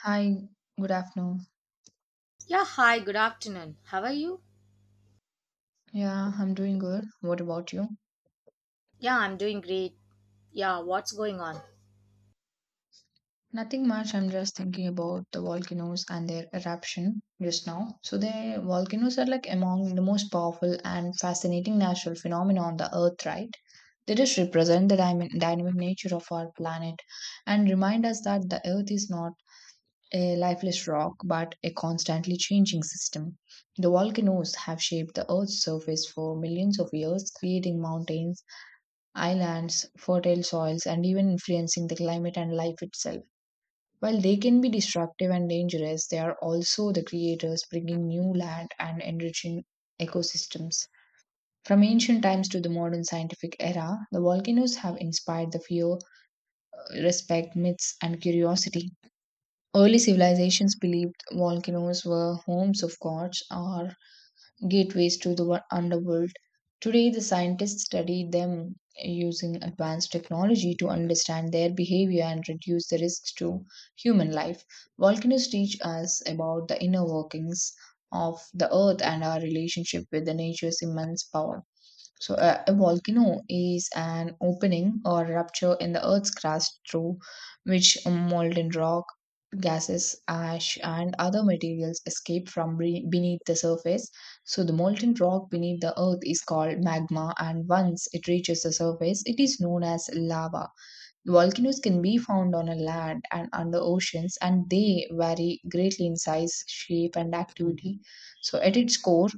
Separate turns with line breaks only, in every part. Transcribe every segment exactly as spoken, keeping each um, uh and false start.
Hi, good afternoon.
Yeah, hi, good afternoon. How are you?
Yeah, I'm doing good. What about you?
Yeah, I'm doing great. Yeah, what's going on?
Nothing much. I'm just thinking about the volcanoes and their eruption just now. So, the volcanoes are like among the most powerful and fascinating natural phenomena on the earth, right? They just represent the dyna- dynamic nature of our planet and remind us that the earth is not a lifeless rock but a constantly changing system. The volcanoes have shaped the earth's surface for millions of years, creating mountains, islands, fertile soils, and even influencing the climate and life itself. While they can be destructive and dangerous, they are also the creators, bringing new land and enriching ecosystems. From ancient times to the modern scientific era, the volcanoes have inspired the fear, respect, myths, and curiosity. Early civilizations believed volcanoes were homes of gods or gateways to the wo- underworld. Today, the scientists study them using advanced technology to understand their behavior and reduce the risks to human life. Volcanoes teach us about the inner workings of the earth and our relationship with the nature's immense power. So, a, a volcano is an opening or rupture in the Earth's crust through which molten rock, gases, ash, and other materials escape from be- beneath the surface. So, the molten rock beneath the Earth is called magma, and once it reaches the surface, it is known as lava. Volcanoes can be found on a land and under oceans, and they vary greatly in size, shape, and activity. So, at its core,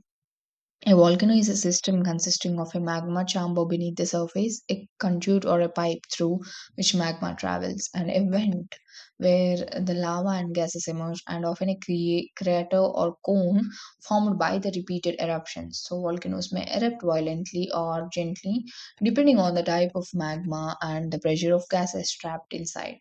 a volcano is a system consisting of a magma chamber beneath the surface, a conduit or a pipe through which magma travels, and a vent where the lava and gases emerge, and often a crea- crater or cone formed by the repeated eruptions. So, volcanoes may erupt violently or gently, depending on the type of magma and the pressure of gases trapped inside.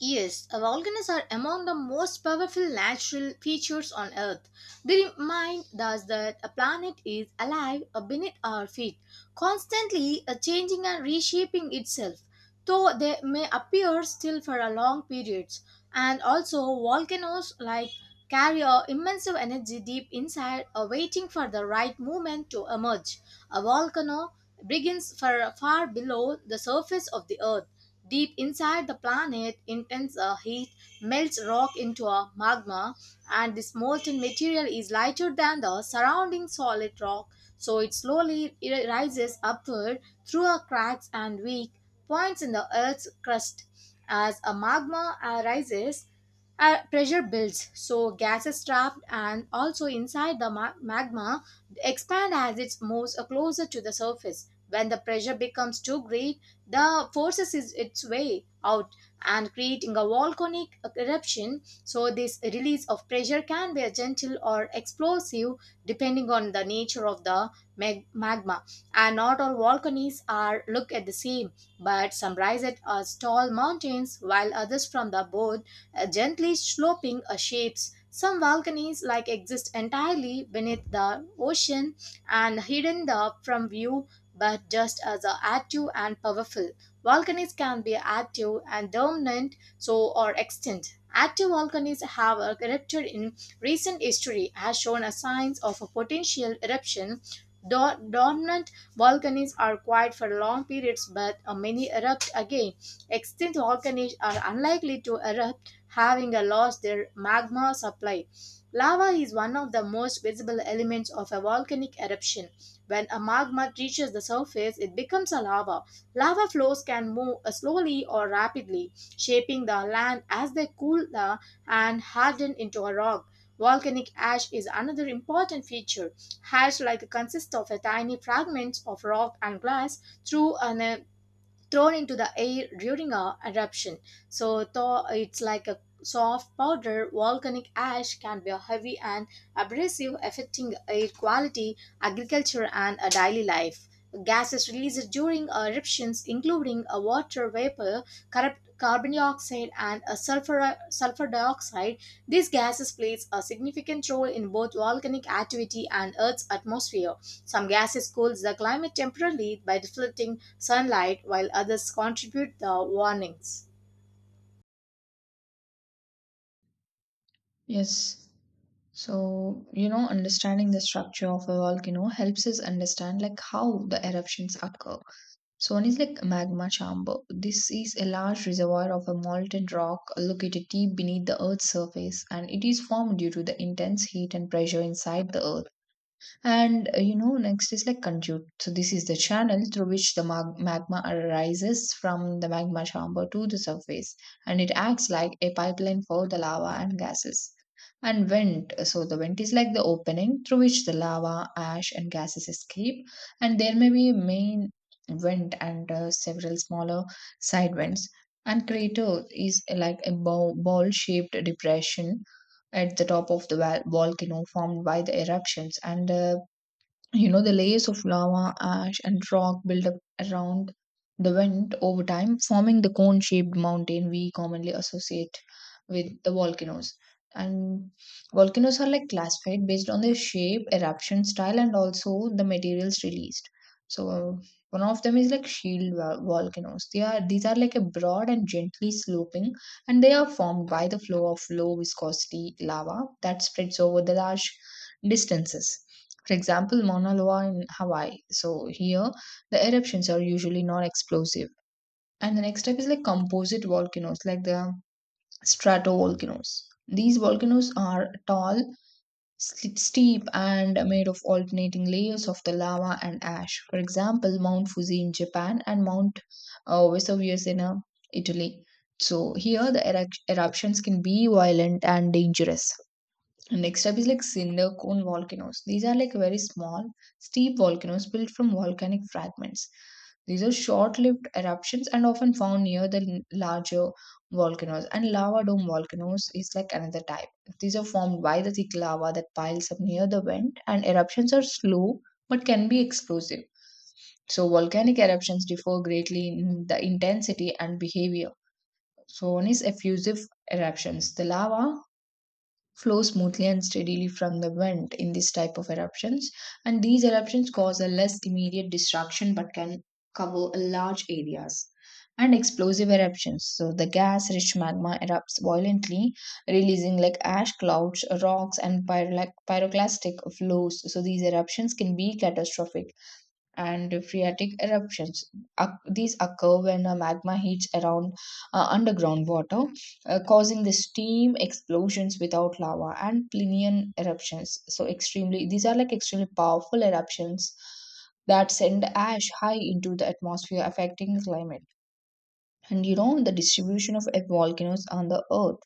Yes, volcanoes are among the most powerful natural features on Earth. They remind us that a planet is alive uh, beneath our feet, constantly uh, changing and reshaping itself, though they may appear still for a long periods. And also, volcanoes like carry a immense energy deep inside, uh, waiting for the right moment to emerge. A volcano begins far far below the surface of the Earth. Deep inside the planet, intense uh, heat melts rock into a magma, and this molten material is lighter than the surrounding solid rock, so it slowly i- rises upward through a cracks and weak points in the Earth's crust. As a magma uh, rises, uh, pressure builds, so gases trapped and also inside the ma- magma expand as it moves uh, closer to the surface. When the pressure becomes too great, the forces is its way out and creating a volcanic eruption, so this release of pressure can be a gentle or explosive depending on the nature of the mag- magma, and not all volcanoes are look at the same, but some rise at as tall mountains while others from the both uh, gently sloping uh, shapes. Some volcanoes like exist entirely beneath the ocean and hidden the from view but just as are active and powerful. Volcanoes can be active and dormant, so are extinct. Active volcanoes have erupted in recent history, as shown as signs of a potential eruption. Dor- Dormant volcanoes are quiet for long periods, but uh, many erupt again. Extinct volcanoes are unlikely to erupt, having uh, lost their magma supply. Lava is one of the most visible elements of a volcanic eruption. When a magma reaches the surface, it becomes a lava. Lava flows can move uh, slowly or rapidly, shaping the land as they cool and harden into a rock. Volcanic ash is another important feature. Ash like consists of a tiny fragments of rock and glass through an uh, thrown into the air during a eruption. So tho- it's like a soft powder. Volcanic ash can be heavy and abrasive, affecting air quality, agriculture, and a daily life. Gases released during eruptions, including a water vapor, corrupt carbon dioxide, and a sulfur sulfur dioxide. These gases plays a significant role in both volcanic activity and Earth's atmosphere. Some gases cools the climate temporarily by deflecting sunlight, while others contribute the warnings.
Yes. So, you know, understanding the structure of a volcano helps us understand like how the eruptions occur. So one is like magma chamber. This is a large reservoir of a molten rock located deep beneath the earth's surface, and it is formed due to the intense heat and pressure inside the earth. And uh, you know, next is like conduit. So this is the channel through which the mag- magma arises from the magma chamber to the surface, and it acts like a pipeline for the lava and gases. And vent. uh, So the vent is like the opening through which the lava, ash, and gases escape. And there may be a main vent and uh, several smaller side vents. And crater is uh, like a ball shaped depression at the top of the val- volcano formed by the eruptions, and the, you know, the layers of lava, ash, and rock build up around the vent over time, forming the cone shaped mountain we commonly associate with the volcanoes. And volcanoes are like classified based on their shape, eruption style, and also the materials released. So, one of them is like shield vol- volcanoes. They are, these are like a broad and gently sloping, and they are formed by the flow of low viscosity lava that spreads over the large distances, for example, Mauna Loa in Hawaii. So here, the eruptions are usually non-explosive. And the next step is like composite volcanoes, like the stratovolcanoes. These volcanoes are tall, sl- steep, and made of alternating layers of the lava and ash. For example, Mount Fuji in Japan and Mount uh, Vesuvius in uh, Italy. So here, the erupt- eruptions can be violent and dangerous. And next up is like cinder cone volcanoes. These are like very small, steep volcanoes built from volcanic fragments. These are short-lived eruptions and often found near the l- larger volcanoes. And lava dome volcanoes is like another type. These are formed by the thick lava that piles up near the vent, and eruptions are slow but can be explosive. So volcanic eruptions differ greatly in the intensity and behavior. So one is effusive eruptions. The lava flow smoothly and steadily from the vent in this type of eruptions, and these eruptions cause a less immediate destruction but can cover large areas. And explosive eruptions, so the gas rich magma erupts violently, releasing like ash clouds, rocks, and pyro- like pyroclastic flows. So these eruptions can be catastrophic. And phreatic eruptions. Oc- these occur when a magma heats around uh, underground water, uh, causing the steam explosions without lava. And Plinian eruptions. So, extremely, these are like extremely powerful eruptions that send ash high into the atmosphere, affecting the climate. And you know, the distribution of volcanoes on the earth.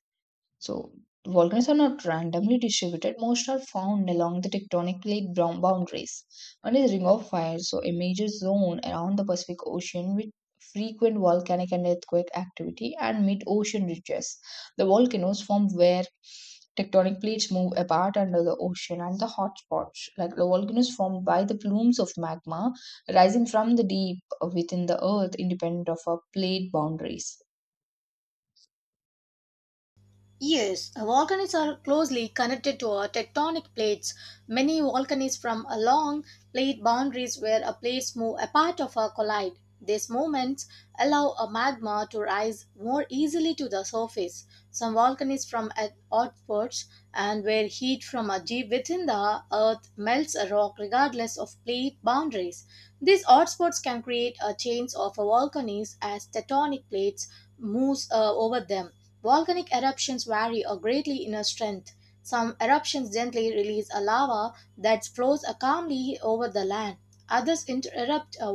So volcanoes are not randomly distributed. Most are found along the tectonic plate brown boundaries. One is Ring of Fire, so a major zone around the Pacific Ocean with frequent volcanic and earthquake activity, and mid-ocean ridges. The volcanoes form where tectonic plates move apart under the ocean, and the hotspots, like the volcanoes formed by the plumes of magma rising from the deep within the earth, independent of our plate boundaries.
Yes, volcanoes are closely connected to our tectonic plates. Many volcanoes from along plate boundaries where a plates move apart of or collide. These movements allow a magma to rise more easily to the surface. Some volcanoes from at outposts and where heat from a deep within the earth melts a rock regardless of plate boundaries. These hotspots can create a chains of volcanoes as tectonic plates moves uh, over them. Volcanic eruptions vary or greatly in strength. Some eruptions gently release a lava that flows calmly over the land. Others erupt uh,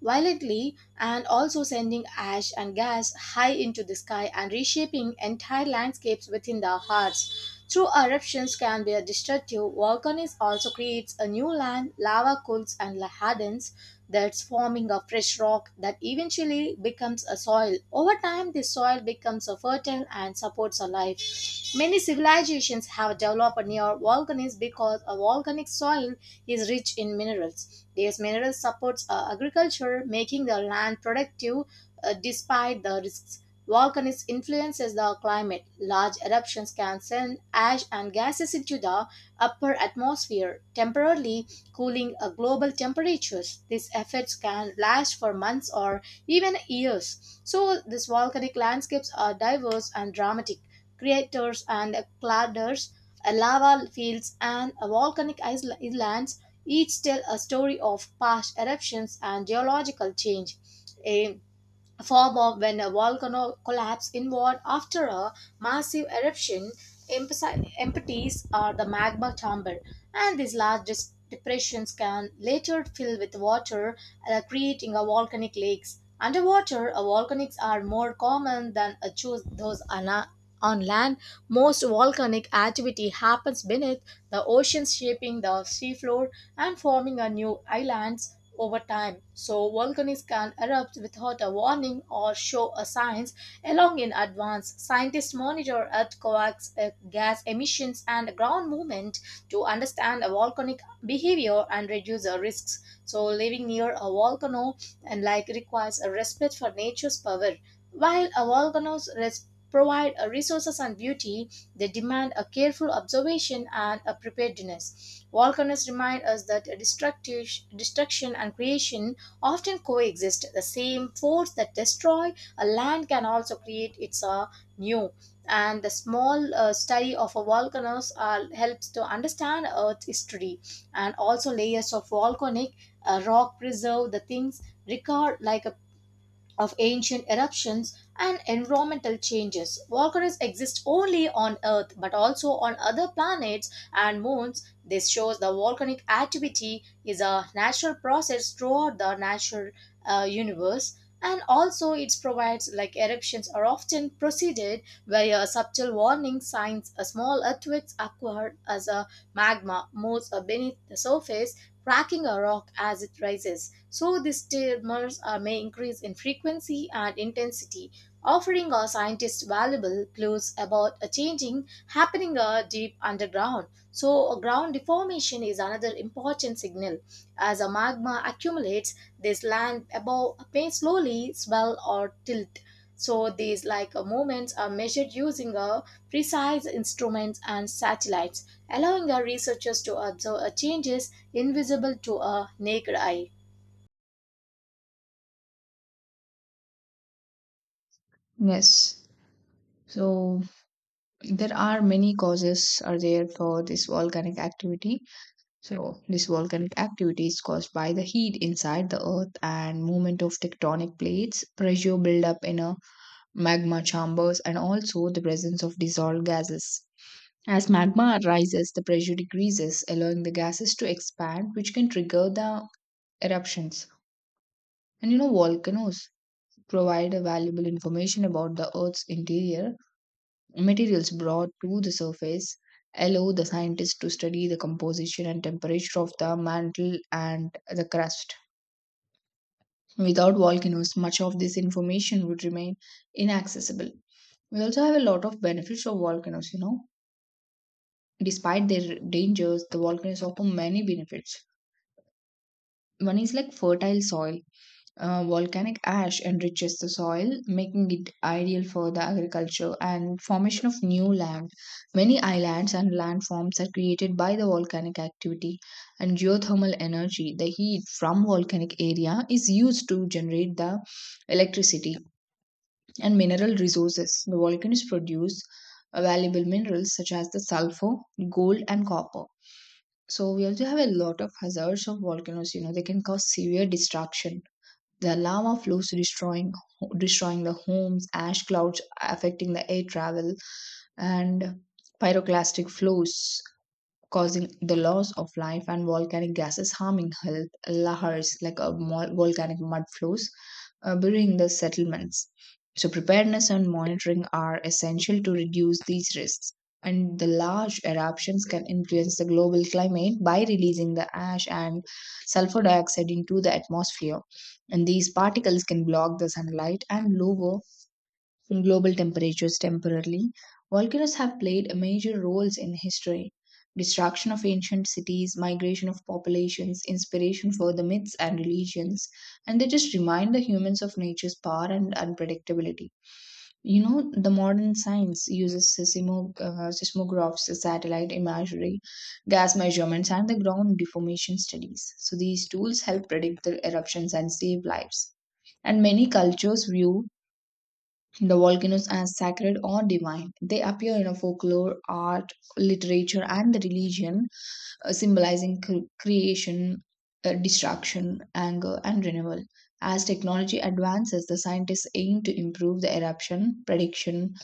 violently and also sending ash and gas high into the sky and reshaping entire landscapes within the hearts. True eruptions can be destructive. Volcanoes also creates a new land, lava cools and hardens, that's forming a fresh rock that eventually becomes a soil. Over time, this soil becomes a fertile and supports a life. Many civilizations have developed near volcanoes because a volcanic soil is rich in minerals. These minerals supports uh, agriculture, making the land productive uh, despite the risks. Volcanoes influences the climate. Large eruptions can send ash and gases into the upper atmosphere temporarily cooling uh, global temperatures. These effects can last for months or even years. So, these volcanic landscapes are diverse and dramatic. Craters and craters, uh, lava fields, and uh, volcanic isla- islands each tell a story of past eruptions and geological change. A form of when a volcano collapses inward after a massive eruption. Empasi- Empties are the magma chamber, and these large dis- depressions can later fill with water, uh, creating a volcanic lakes. Underwater, uh, volcanics are more common than uh, choose those on, a- on land. Most volcanic activity happens beneath the ocean, shaping the seafloor and forming a new islands over time. So volcanoes can erupt without a warning or show a signs along in advance. Scientists monitor earthquakes, uh, gas emissions, and ground movement to understand a volcanic behavior and reduce the risks. So living near a volcano and like requires a respect for nature's power. While a volcanoes res- provide uh, resources and beauty, they demand a careful observation and a preparedness. Volcanoes remind us that destructive, destruction and creation often coexist. The same force that destroy a land can also create its uh, new. And the small uh, study of a volcanoes uh, helps to understand Earth's history and also layers of volcanic uh, rock preserve the things record like a of ancient eruptions and environmental changes. Volcanoes exist only on Earth but also on other planets and moons. This shows the volcanic activity is a natural process throughout the natural uh, universe. And also, it provides like eruptions are often preceded by a subtle warning signs. A small earthquakes occur as a magma moves beneath the surface, cracking a rock as it rises. So, these tremors uh, may increase in frequency and intensity, offering our scientists valuable clues about a changing happening uh, deep underground. So, a ground deformation is another important signal. As a magma accumulates, this land above may slowly swell or tilt. So, these like uh, movements are measured using a precise instruments and satellites, allowing our researchers to observe uh, changes invisible to a naked eye.
Yes. So there are many causes are there for this volcanic activity. So this volcanic activity is caused by the heat inside the earth and movement of tectonic plates, pressure buildup in a magma chambers, and also the presence of dissolved gases. As magma rises, the pressure decreases, allowing the gases to expand, which can trigger the eruptions. And you know, volcanoes provide a valuable information about the earth's interior. Materials brought to the surface allow the scientists to study the composition and temperature of the mantle and the crust. Without volcanoes, much of this information would remain inaccessible. We also have a lot of benefits of volcanoes, you know. Despite their dangers, the volcanoes offer many benefits. One is like fertile soil. Uh, volcanic ash enriches the soil, making it ideal for the agriculture and formation of new land. Many islands and landforms are created by the volcanic activity. And geothermal energy. The heat from volcanic area is used to generate the electricity. And mineral resources. The volcanoes produce uh, valuable minerals such as the sulfur, gold, and copper. So we also have a lot of hazards of volcanoes. You know, they can cause severe destruction, the lava flows destroying destroying the homes, ash clouds affecting the air travel, and pyroclastic flows causing the loss of life, and volcanic gases harming health. Lahars, like a mol- volcanic mud flows, uh, burying the settlements. So, preparedness and monitoring are essential to reduce these risks. And the large eruptions can influence the global climate by releasing the ash and sulfur dioxide into the atmosphere. And these particles can block the sunlight and lower in global temperatures temporarily. Volcanoes have played major roles in history. Destruction of ancient cities, migration of populations, inspiration for the myths and religions, and they just remind the humans of nature's power and unpredictability. You know, the modern science uses seismo- uh, seismographs, satellite imagery, gas measurements, and the ground deformation studies. So, these tools help predict the eruptions and save lives. And many cultures view the volcanoes are sacred or divine. They appear in a folklore, art, literature, and the religion, uh, symbolizing cre- creation, uh, destruction, anger, and renewal. As technology advances, the scientists aim to improve the eruption prediction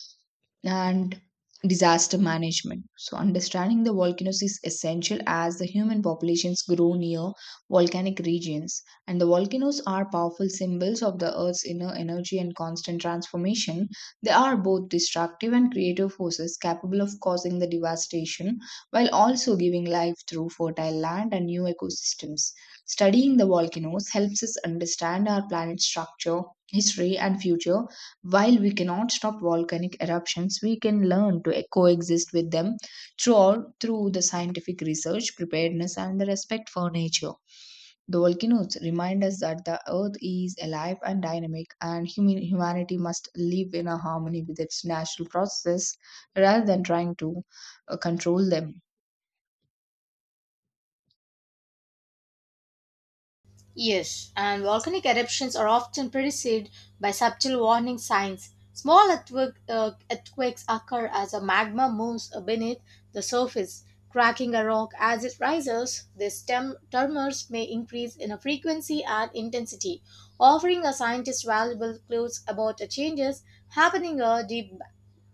and disaster management. So, understanding the volcanoes is essential as the human populations grow near volcanic regions, and the volcanoes are powerful symbols of the Earth's inner energy and constant transformation. They are both destructive and creative forces, capable of causing the devastation while also giving life through fertile land and new ecosystems. Studying the volcanoes helps us understand our planet's structure, history, and future. While we cannot stop volcanic eruptions, we can learn to coexist with them through, through the scientific research, preparedness, and the respect for nature. The volcanoes remind us that the earth is alive and dynamic, and human, humanity must live in a harmony with its natural processes rather than trying to uh, control them.
Yes, and volcanic eruptions are often preceded by subtle warning signs. Small earthquake, uh, earthquakes occur as a magma moves beneath the surface, cracking a rock as it rises. These tem- tremors may increase in a frequency and intensity, offering a scientist valuable clues about the changes happening uh, deep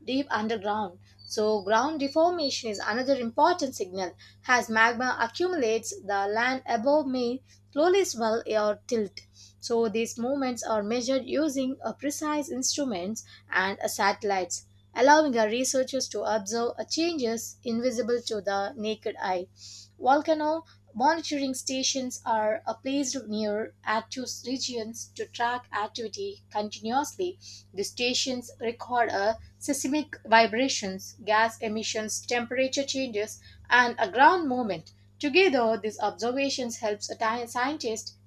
deep underground. So, ground deformation is another important signal. As magma accumulates, the land above may slowly swell or tilt. So, these movements are measured using a precise instruments and a satellites, allowing our researchers to observe a changes invisible to the naked eye. Volcano monitoring stations are uh, placed near active regions to track activity continuously. The stations record uh, seismic vibrations, gas emissions, temperature changes, and a ground movement. Together, these observations help scientists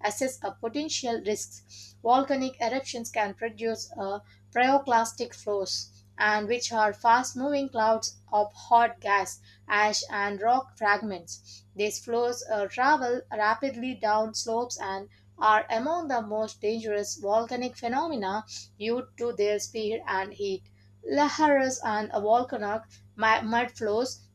assess a potential risks. Volcanic eruptions can produce uh, pyroclastic flows and which are fast moving clouds of hot gas, ash, and rock fragments. These flows uh, travel rapidly down slopes and are among the most dangerous volcanic phenomena due to their speed and heat. Laharas and volcanic mu- mud flows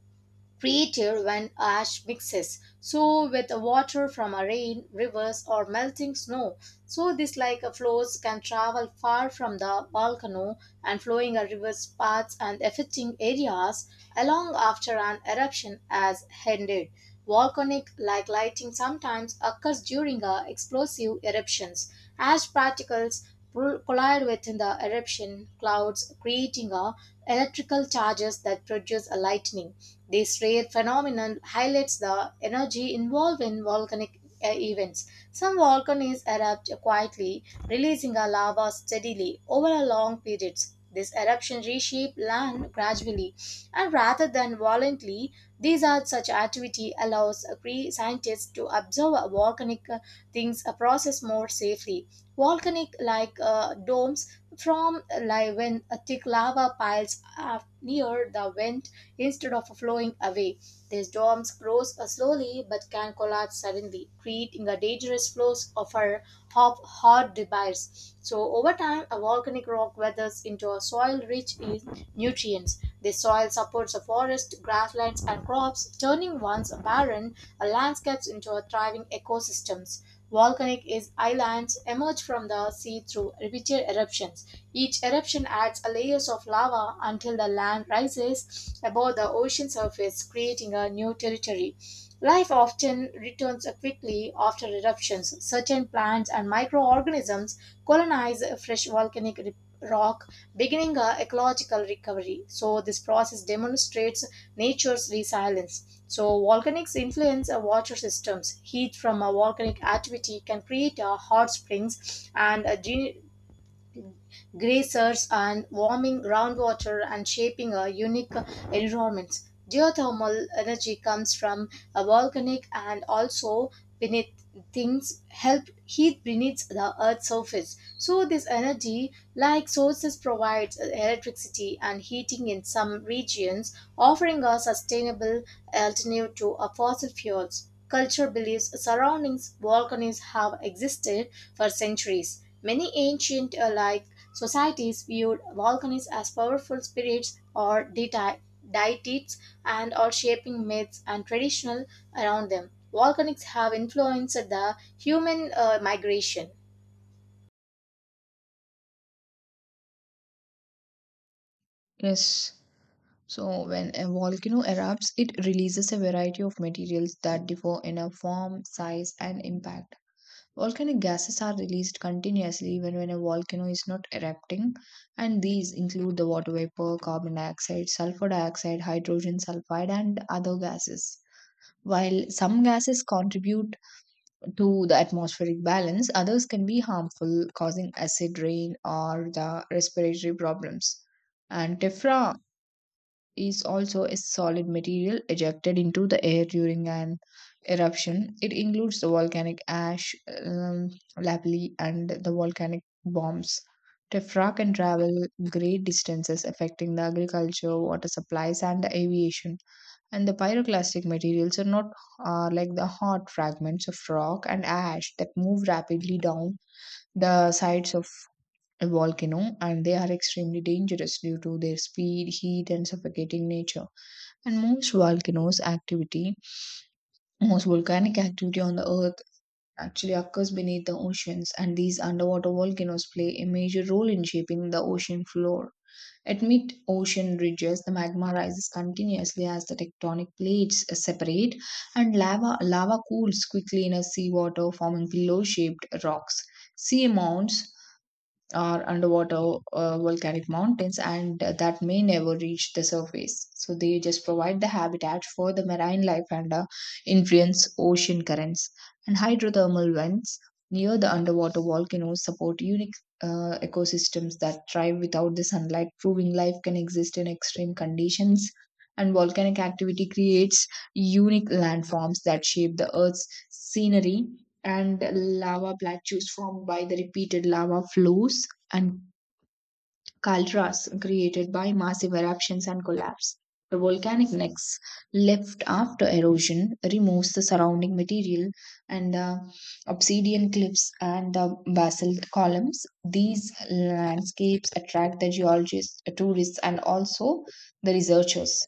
created when ash mixes so with water from a rain rivers or melting snow, so this like a flows can travel far from the volcano and flowing a river's paths and affecting areas along after an eruption has ended. Volcanic like lighting sometimes occurs during uh, explosive eruptions. Ash particles pro- collide with the eruption clouds, creating a electrical charges that produce a lightning. This rare phenomenon highlights the energy involved in volcanic uh, events. Some volcanoes erupt quietly, releasing a lava steadily over a long periods. This eruption reshape land gradually, and rather than violently, these are such activity allows uh, scientists to observe uh, volcanic uh, things uh, process more safely. Volcanic like uh, domes from li- when a thick lava piles up near the vent instead of flowing away. These domes grows uh, slowly but can collapse suddenly, creating a dangerous flows of our hot, hot debris. So over time, a volcanic rock weathers into a soil rich in nutrients. The soil supports a forest, grasslands, and crops, turning once barren uh, landscapes into a thriving ecosystems. Volcanic islands emerge from the sea through repeated eruptions. Each eruption adds a layers of lava until the land rises above the ocean surface, creating a new territory. Life often returns quickly after eruptions. Certain plants and microorganisms colonize fresh volcanic rock, beginning a ecological recovery. So this process demonstrates nature's resilience. So volcanics influence uh, water systems. Heat from a volcanic activity can create uh, hot springs and a gene- grazers and warming groundwater and shaping a unique environment. Geothermal energy comes from a volcanic and also beneath things help heat beneath the earth's surface. So this energy like sources provides electricity and heating in some regions, offering a sustainable alternative to a fossil fuels. Culture believes surroundings volcanoes have existed for centuries, many ancient uh, like societies viewed volcanoes as powerful spirits or deity- deities and are shaping myths and traditional around them. Volcanics have influenced the human uh, migration.
Yes. So, when a volcano erupts, it releases a variety of materials that differ in a form, size, and impact. Volcanic gases are released continuously even when a volcano is not erupting, and these include the water vapor, carbon dioxide, sulfur dioxide, hydrogen sulfide, and other gases. While some gases contribute to the atmospheric balance, others can be harmful, causing acid rain or the respiratory problems. And tephra is also a solid material ejected into the air during an eruption. It includes the volcanic ash, um, lapilli, and the volcanic bombs. Tephra can travel great distances, affecting the agriculture, water supplies, and the aviation. And the pyroclastic materials are not are like the hot fragments of rock and ash that move rapidly down the sides of a volcano, and they are extremely dangerous due to their speed, heat, and suffocating nature. And most volcanoes activity, most volcanic activity on the earth actually occurs beneath the oceans, and these underwater volcanoes play a major role in shaping the ocean floor. At mid ocean ridges, the magma rises continuously as the tectonic plates separate, and lava, lava cools quickly in a seawater, forming pillow shaped rocks. Sea mounts are underwater uh, volcanic mountains and that may never reach the surface. So they just provide the habitat for the marine life and uh, influence ocean currents. And hydrothermal vents near the underwater volcanoes support unique uh, ecosystems that thrive without the sunlight, proving life can exist in extreme conditions. And volcanic activity creates unique landforms that shape the Earth's scenery and lava plateaus formed by the repeated lava flows and caldras created by massive eruptions and collapse. The volcanic necks left after erosion removes the surrounding material and the obsidian cliffs and the basalt columns. These landscapes attract the geologists, tourists, and also the researchers.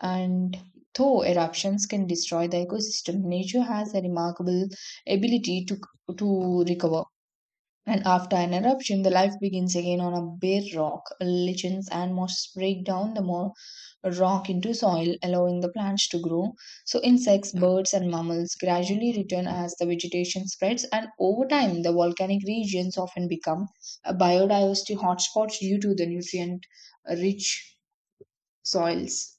And though eruptions can destroy the ecosystem, nature has a remarkable ability to, to recover. And after an eruption, the life begins again on a bare rock. Lichens and mosses break down the more rock into soil, allowing the plants to grow. So, insects, birds, and mammals gradually return as the vegetation spreads, and over time, the volcanic regions often become a biodiversity hotspots due to the nutrient rich soils.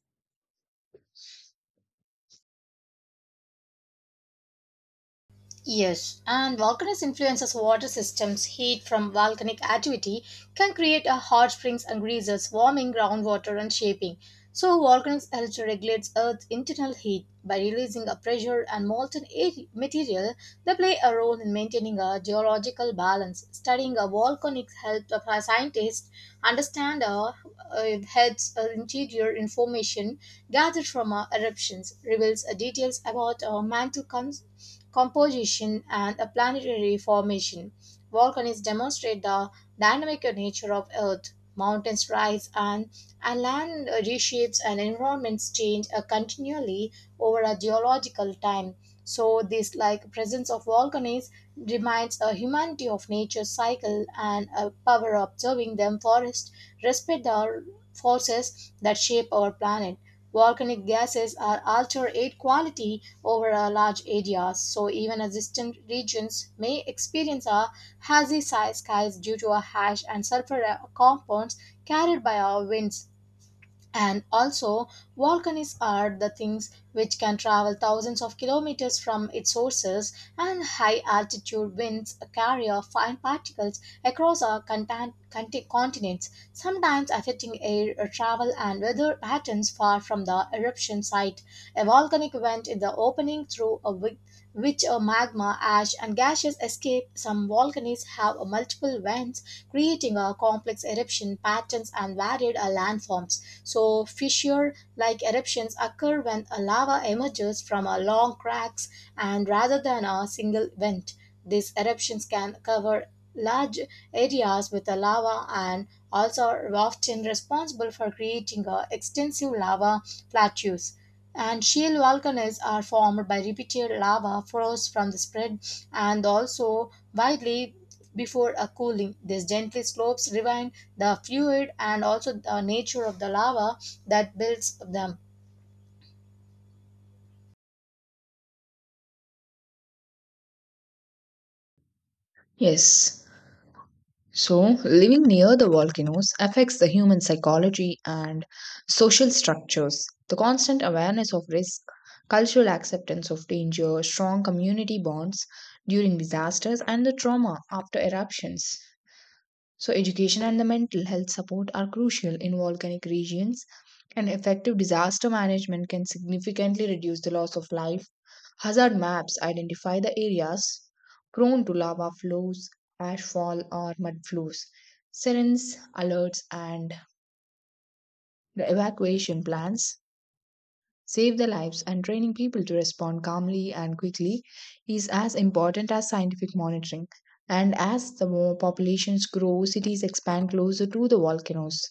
Yes, and volcanoes influences water systems. Heat from volcanic activity can create a hot springs and geysers, warming groundwater and shaping. So volcanoes help to regulate Earth's internal heat by releasing a pressure and molten air- material. They play a role in maintaining a geological balance. Studying a volcanic helps a scientist understand uh, uh, helps uh, interior information gathered from uh, eruptions, reveals uh, details about uh, mantle cons- composition, and a planetary formation. Volcanoes demonstrate the dynamic nature of Earth. Mountains rise and, and land reshapes and environments change uh, continually over a geological time. So this like presence of volcanoes reminds a humanity of nature's cycle and a power of observing them forest respect the forces that shape our planet. Volcanic gases are alter air quality over a large areas, so even a distant regions may experience a hazy sky skies due to a ash and sulfur compounds carried by our winds. And also, volcanoes are the things which can travel thousands of kilometers from its sources, and high altitude winds carry off fine particles across our contin- conti- continents, sometimes affecting air uh, travel and weather patterns far from the eruption site. A volcanic vent is the opening through a wi- which a magma, ash, and gases escape. Some volcanoes have uh, multiple vents, creating a complex eruption patterns and varied uh, landforms. So, fissure like eruptions occur when a lava emerges from a long cracks and rather than a single vent. These eruptions can cover large areas with a lava and also often responsible for creating uh, extensive lava plateaus. And shield volcanoes are formed by repeated lava flows from the spread and also widely before a cooling. These gently slopes rewind the fluid and also the nature of the lava that builds them.
Yes. So, living near the volcanoes affects the human psychology and social structures. The constant awareness of risk, cultural acceptance of danger, strong community bonds during disasters, and the trauma after eruptions. So, education and the mental health support are crucial in volcanic regions, and effective disaster management can significantly reduce the loss of life. Hazard maps identify the areas prone to lava flows, ashfall, or mud flows. Sirens, alerts, and the evacuation plans save their lives, and training people to respond calmly and quickly is as important as scientific monitoring. And as the more populations grow, cities expand closer to the volcanoes.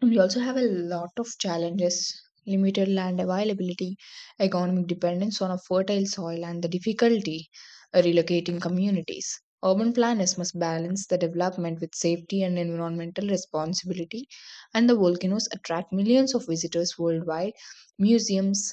We also have a lot of challenges limited land availability, economic dependence on a fertile soil, and the difficulty of relocating communities. Urban planners must balance the development with safety and environmental responsibility, and the volcanoes attract millions of visitors worldwide. Museums,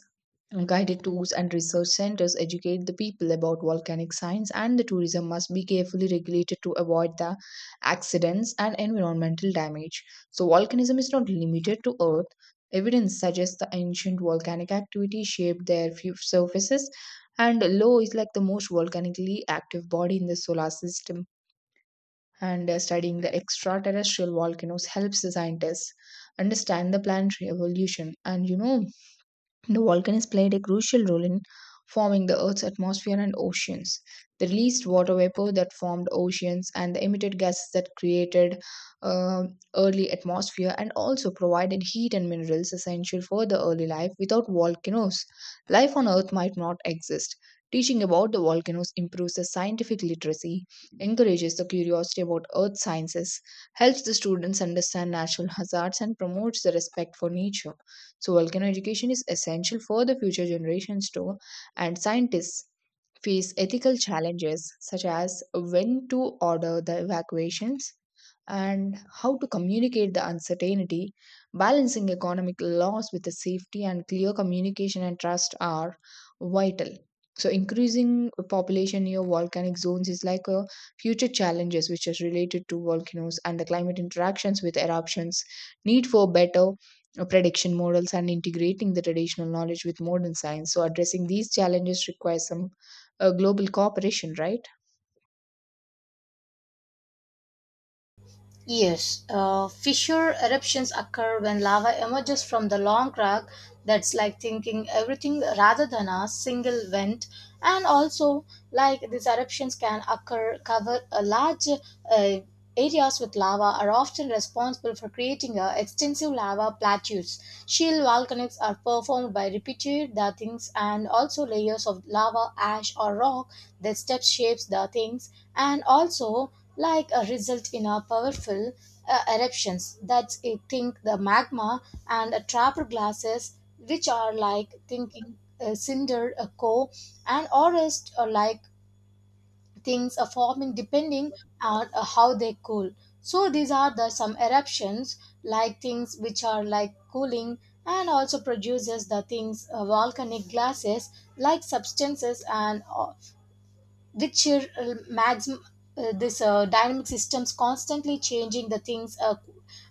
guided tours and research centers educate the people about volcanic science, and the tourism must be carefully regulated to avoid the accidents and environmental damage. So, volcanism is not limited to Earth. Evidence suggests the ancient volcanic activity shaped their fu- surfaces, and Lo is like the most volcanically active body in the solar system. And uh, studying the extraterrestrial volcanoes helps the scientists understand the planetary evolution. And you know, the volcanoes played a crucial role in forming the Earth's atmosphere and oceans. They released water vapor that formed oceans and the emitted gases that created uh, early atmosphere and also provided heat and minerals essential for the early life. Without volcanoes, life on Earth might not exist. Teaching about the volcanoes improves the scientific literacy, encourages the curiosity about earth sciences, helps the students understand natural hazards, and promotes the respect for nature. So, volcano education is essential for the future generations too, and scientists face ethical challenges such as when to order the evacuations and how to communicate the uncertainty, balancing economic loss with the safety and clear communication and trust are vital. So, increasing population near volcanic zones is like a future challenges which is related to volcanoes and the climate interactions with eruptions, need for better uh, prediction models and integrating the traditional knowledge with modern science. So, addressing these challenges requires some uh, global cooperation, right?
Yes, uh, fissure eruptions occur when lava emerges from the long crack that's like thinking everything rather than a single vent. And also, like these eruptions can occur, cover a large uh, areas with lava are often responsible for creating uh, extensive lava plateaus. Shield volcanics are performed by repeated the things and also layers of lava, ash, or rock that step shapes the things and also like a result in a powerful uh, eruptions that's I think the magma and a trapped glasses which are like thinking uh, cinder a core and orest or like things are forming depending on uh, how they cool, so these are the some eruptions like things which are like cooling and also produces the things uh, volcanic glasses like substances and uh, which uh, mags uh, this uh, dynamic systems constantly changing the things uh,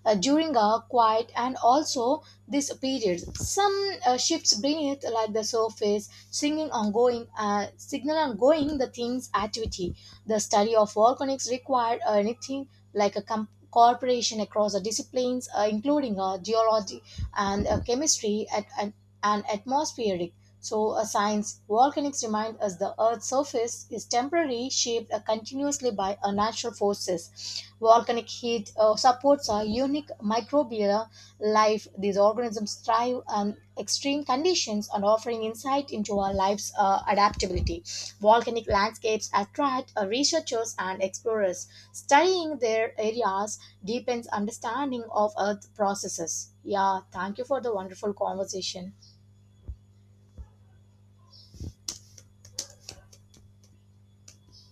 uh, during a quiet and also this period some uh, shifts beneath like the surface singing ongoing uh, signal ongoing the things activity, the study of volcanics required uh, anything like a com- cooperation across the disciplines uh, including uh, geology and uh, chemistry at, and and atmospheric. So, a science volcanics remind us the Earth's surface is temporarily shaped uh, continuously by uh, natural forces. Volcanic heat uh, supports a unique microbial life. These organisms thrive on extreme conditions and offering insight into our life's uh, adaptability. Volcanic landscapes attract uh, researchers and explorers. Studying their areas deepens understanding of Earth processes. Yeah, thank you for the wonderful conversation.